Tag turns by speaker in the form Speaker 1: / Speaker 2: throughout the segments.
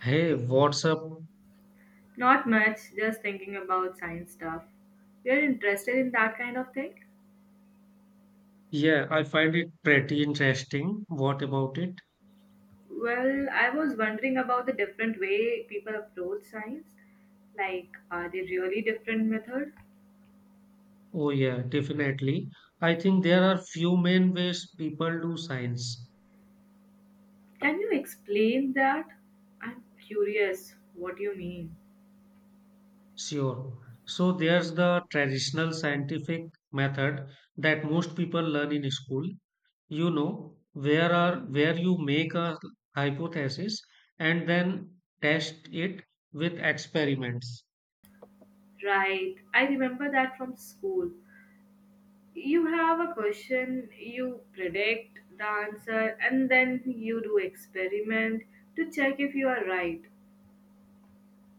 Speaker 1: Hey, what's up?
Speaker 2: Not much, just thinking about science stuff. You're interested in that kind of thing?
Speaker 1: Yeah, I find it pretty interesting. What about it?
Speaker 2: Well, I was wondering about the different way people approach science. Like, are they really different method?
Speaker 1: Oh, yeah, definitely. I think there are few main ways people do science.
Speaker 2: Can you explain that? I'm curious what you mean.
Speaker 1: Sure. So there's the traditional scientific method that most people learn in school. Where you make a hypothesis and then test it with experiments.
Speaker 2: Right, I remember that from school. You have a question, you predict the answer, and then you do experiment to check if you are right.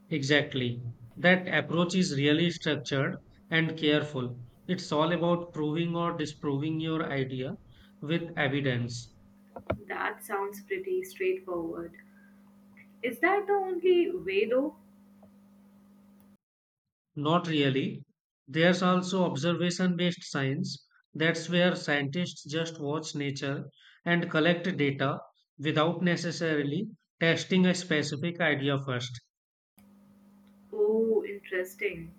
Speaker 1: Exactly. That approach is really structured and careful. It's all about proving or disproving your idea with evidence.
Speaker 2: That sounds pretty straightforward. Is that the only way though?
Speaker 1: Not really. There's also observation based science. That's where scientists just watch nature and collect data without necessarily testing a specific idea first.
Speaker 2: Oh, interesting.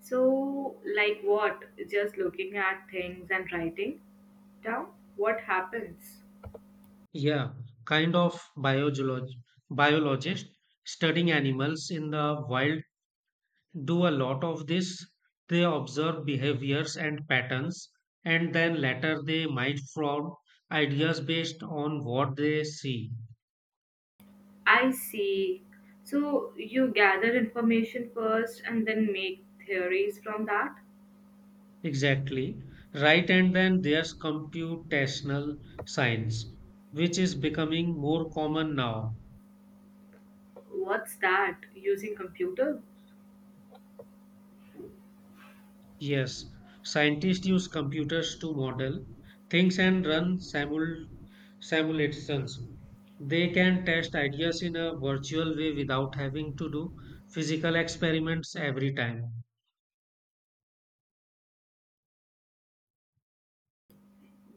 Speaker 2: So, like what? Just looking at things and writing down what happens?
Speaker 1: Yeah, kind of biologist studying animals in the wild do a lot of this. They observe behaviors and patterns, and then later they might form ideas based on what they see.
Speaker 2: I see. So, you gather information first and then make theories from that?
Speaker 1: Exactly. Right, and then there's computational science, which is becoming more common now.
Speaker 2: What's that? Using computer?
Speaker 1: Yes, scientists use computers to model things and run simulations. They can test ideas in a virtual way without having to do physical experiments every time.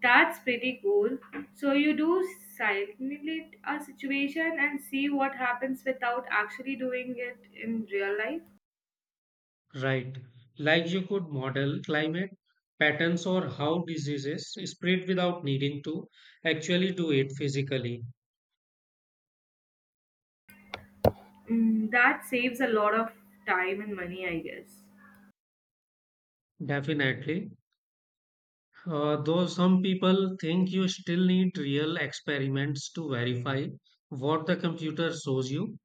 Speaker 2: That's pretty cool. So, you do simulate a situation and see what happens without actually doing it in real life?
Speaker 1: Right. Like you could model climate patterns or how diseases spread without needing to actually do it physically.
Speaker 2: Mm, that saves a lot of time and money, I guess.
Speaker 1: Definitely. Though some people think you still need real experiments to verify what the computer shows you,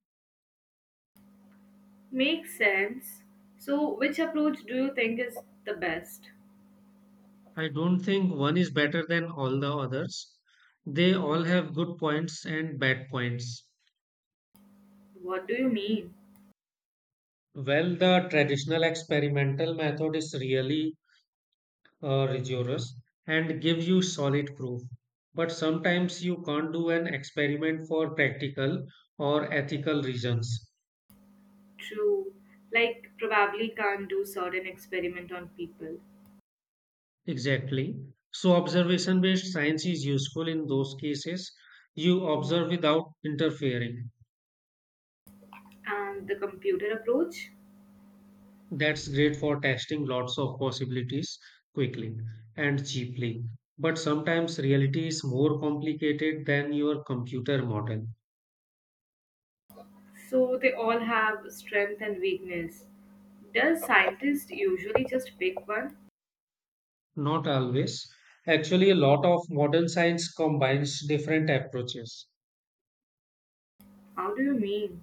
Speaker 2: Makes sense. So, which approach do you think is the best?
Speaker 1: I don't think one is better than all the others. They all have good points and bad points.
Speaker 2: What do you mean?
Speaker 1: Well, the traditional experimental method is really rigorous and gives you solid proof. But sometimes you can't do an experiment for practical or ethical reasons.
Speaker 2: True. Like, probably can't do certain experiment on people.
Speaker 1: Exactly. So, observation based science is useful in those cases. You observe without interfering.
Speaker 2: And the computer approach?
Speaker 1: That's great for testing lots of possibilities quickly and cheaply. But sometimes reality is more complicated than your computer model.
Speaker 2: So, they all have strength and weakness. Does scientists usually just pick one?
Speaker 1: Not always. Actually, a lot of modern science combines different approaches.
Speaker 2: How do you mean?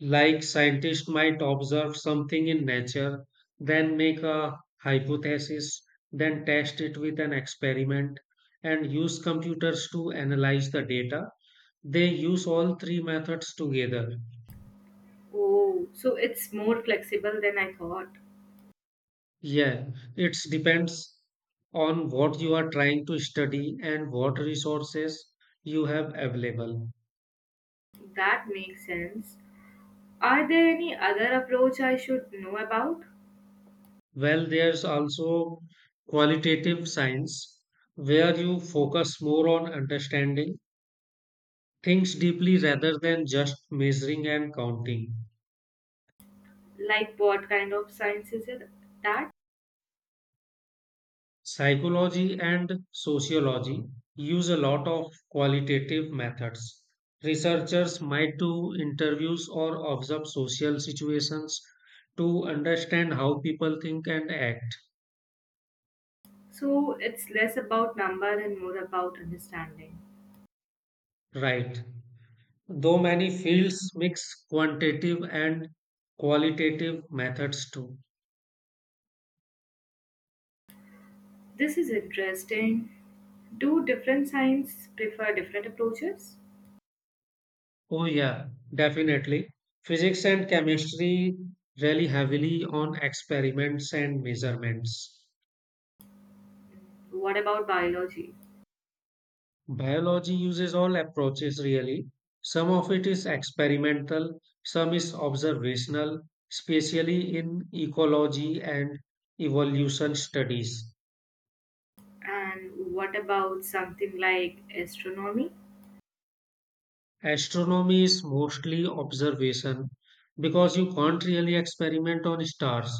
Speaker 1: Like scientists might observe something in nature, then make a hypothesis, then test it with an experiment, and use computers to analyze the data. They use all three methods together.
Speaker 2: Oh, so it's more flexible than I thought.
Speaker 1: Yeah, it depends on what you are trying to study and what resources you have available.
Speaker 2: That makes sense. Are there any other approach I should know about?
Speaker 1: Well, there's also qualitative science where you focus more on understanding things deeply rather than just measuring and counting.
Speaker 2: Like what kind of science is it that?
Speaker 1: Psychology and sociology use a lot of qualitative methods. Researchers might do interviews or observe social situations to understand how people think and act,
Speaker 2: So it's less about number and more about understanding.
Speaker 1: right? Though many fields mix quantitative and qualitative methods too.
Speaker 2: This is interesting. Do different science prefer different approaches?
Speaker 1: Oh, yeah, definitely. Physics and chemistry rely heavily on experiments and measurements.
Speaker 2: What about biology?
Speaker 1: Biology uses all approaches really. Some of it is experimental, some is observational, especially in ecology and evolution studies.
Speaker 2: And what about something like astronomy?
Speaker 1: Astronomy is mostly observation because you can't really experiment on stars.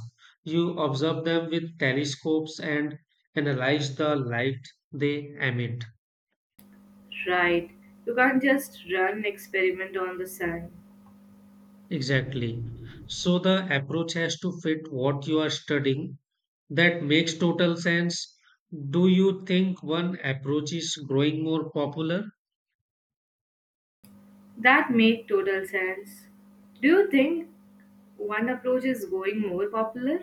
Speaker 1: You observe them with telescopes and analyze the light they emit.
Speaker 2: Right. You can't just run an experiment on the sun.
Speaker 1: Exactly. So the approach has to fit what you are studying. That makes total sense. Do you think one approach is growing more popular?
Speaker 2: That make total sense. Do you think one approach is going more popular?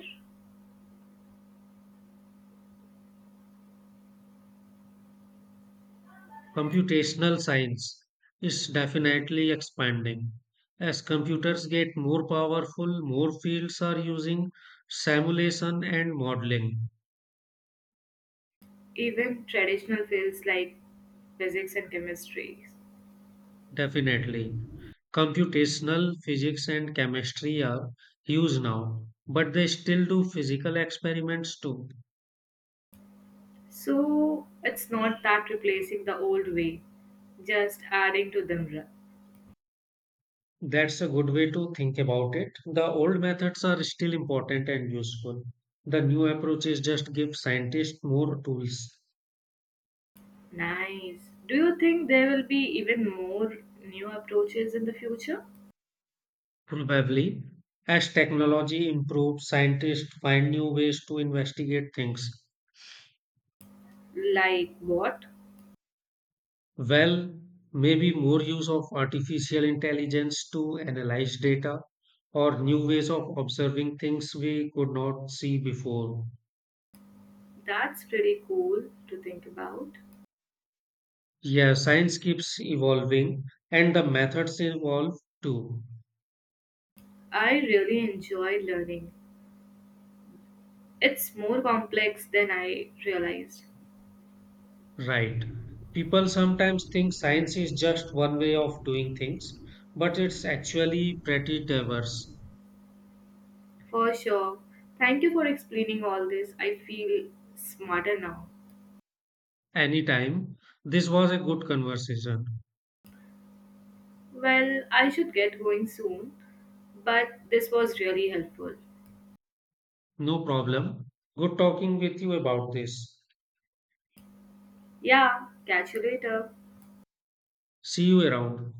Speaker 1: Computational science is definitely expanding. As computers get more powerful, more fields are using simulation and modeling.
Speaker 2: Even traditional fields like physics and chemistry.
Speaker 1: Definitely. Computational physics and chemistry are huge now, but they still do physical experiments too.
Speaker 2: So it's not that replacing the old way, just adding to them.
Speaker 1: That's a good way to think about it. The old methods are still important and useful. The new approaches just give scientists more tools.
Speaker 2: Nice. Do you think there will be even more new approaches in the future?
Speaker 1: Probably. As technology improves, scientists find new ways to investigate things.
Speaker 2: Like what?
Speaker 1: Well, maybe more use of artificial intelligence to analyze data or new ways of observing things we could not see before.
Speaker 2: That's pretty cool to think about.
Speaker 1: Yeah, science keeps evolving and the methods evolve too.
Speaker 2: I really enjoy learning. It's more complex than I realized.
Speaker 1: Right. People sometimes think science is just one way of doing things, but it's actually pretty diverse.
Speaker 2: For sure. Thank you for explaining all this. I feel smarter now.
Speaker 1: Anytime. This was a good conversation.
Speaker 2: Well, I should get going soon, but this was really helpful.
Speaker 1: No problem. Good talking with you about this.
Speaker 2: Yeah, catch you later.
Speaker 1: See you around.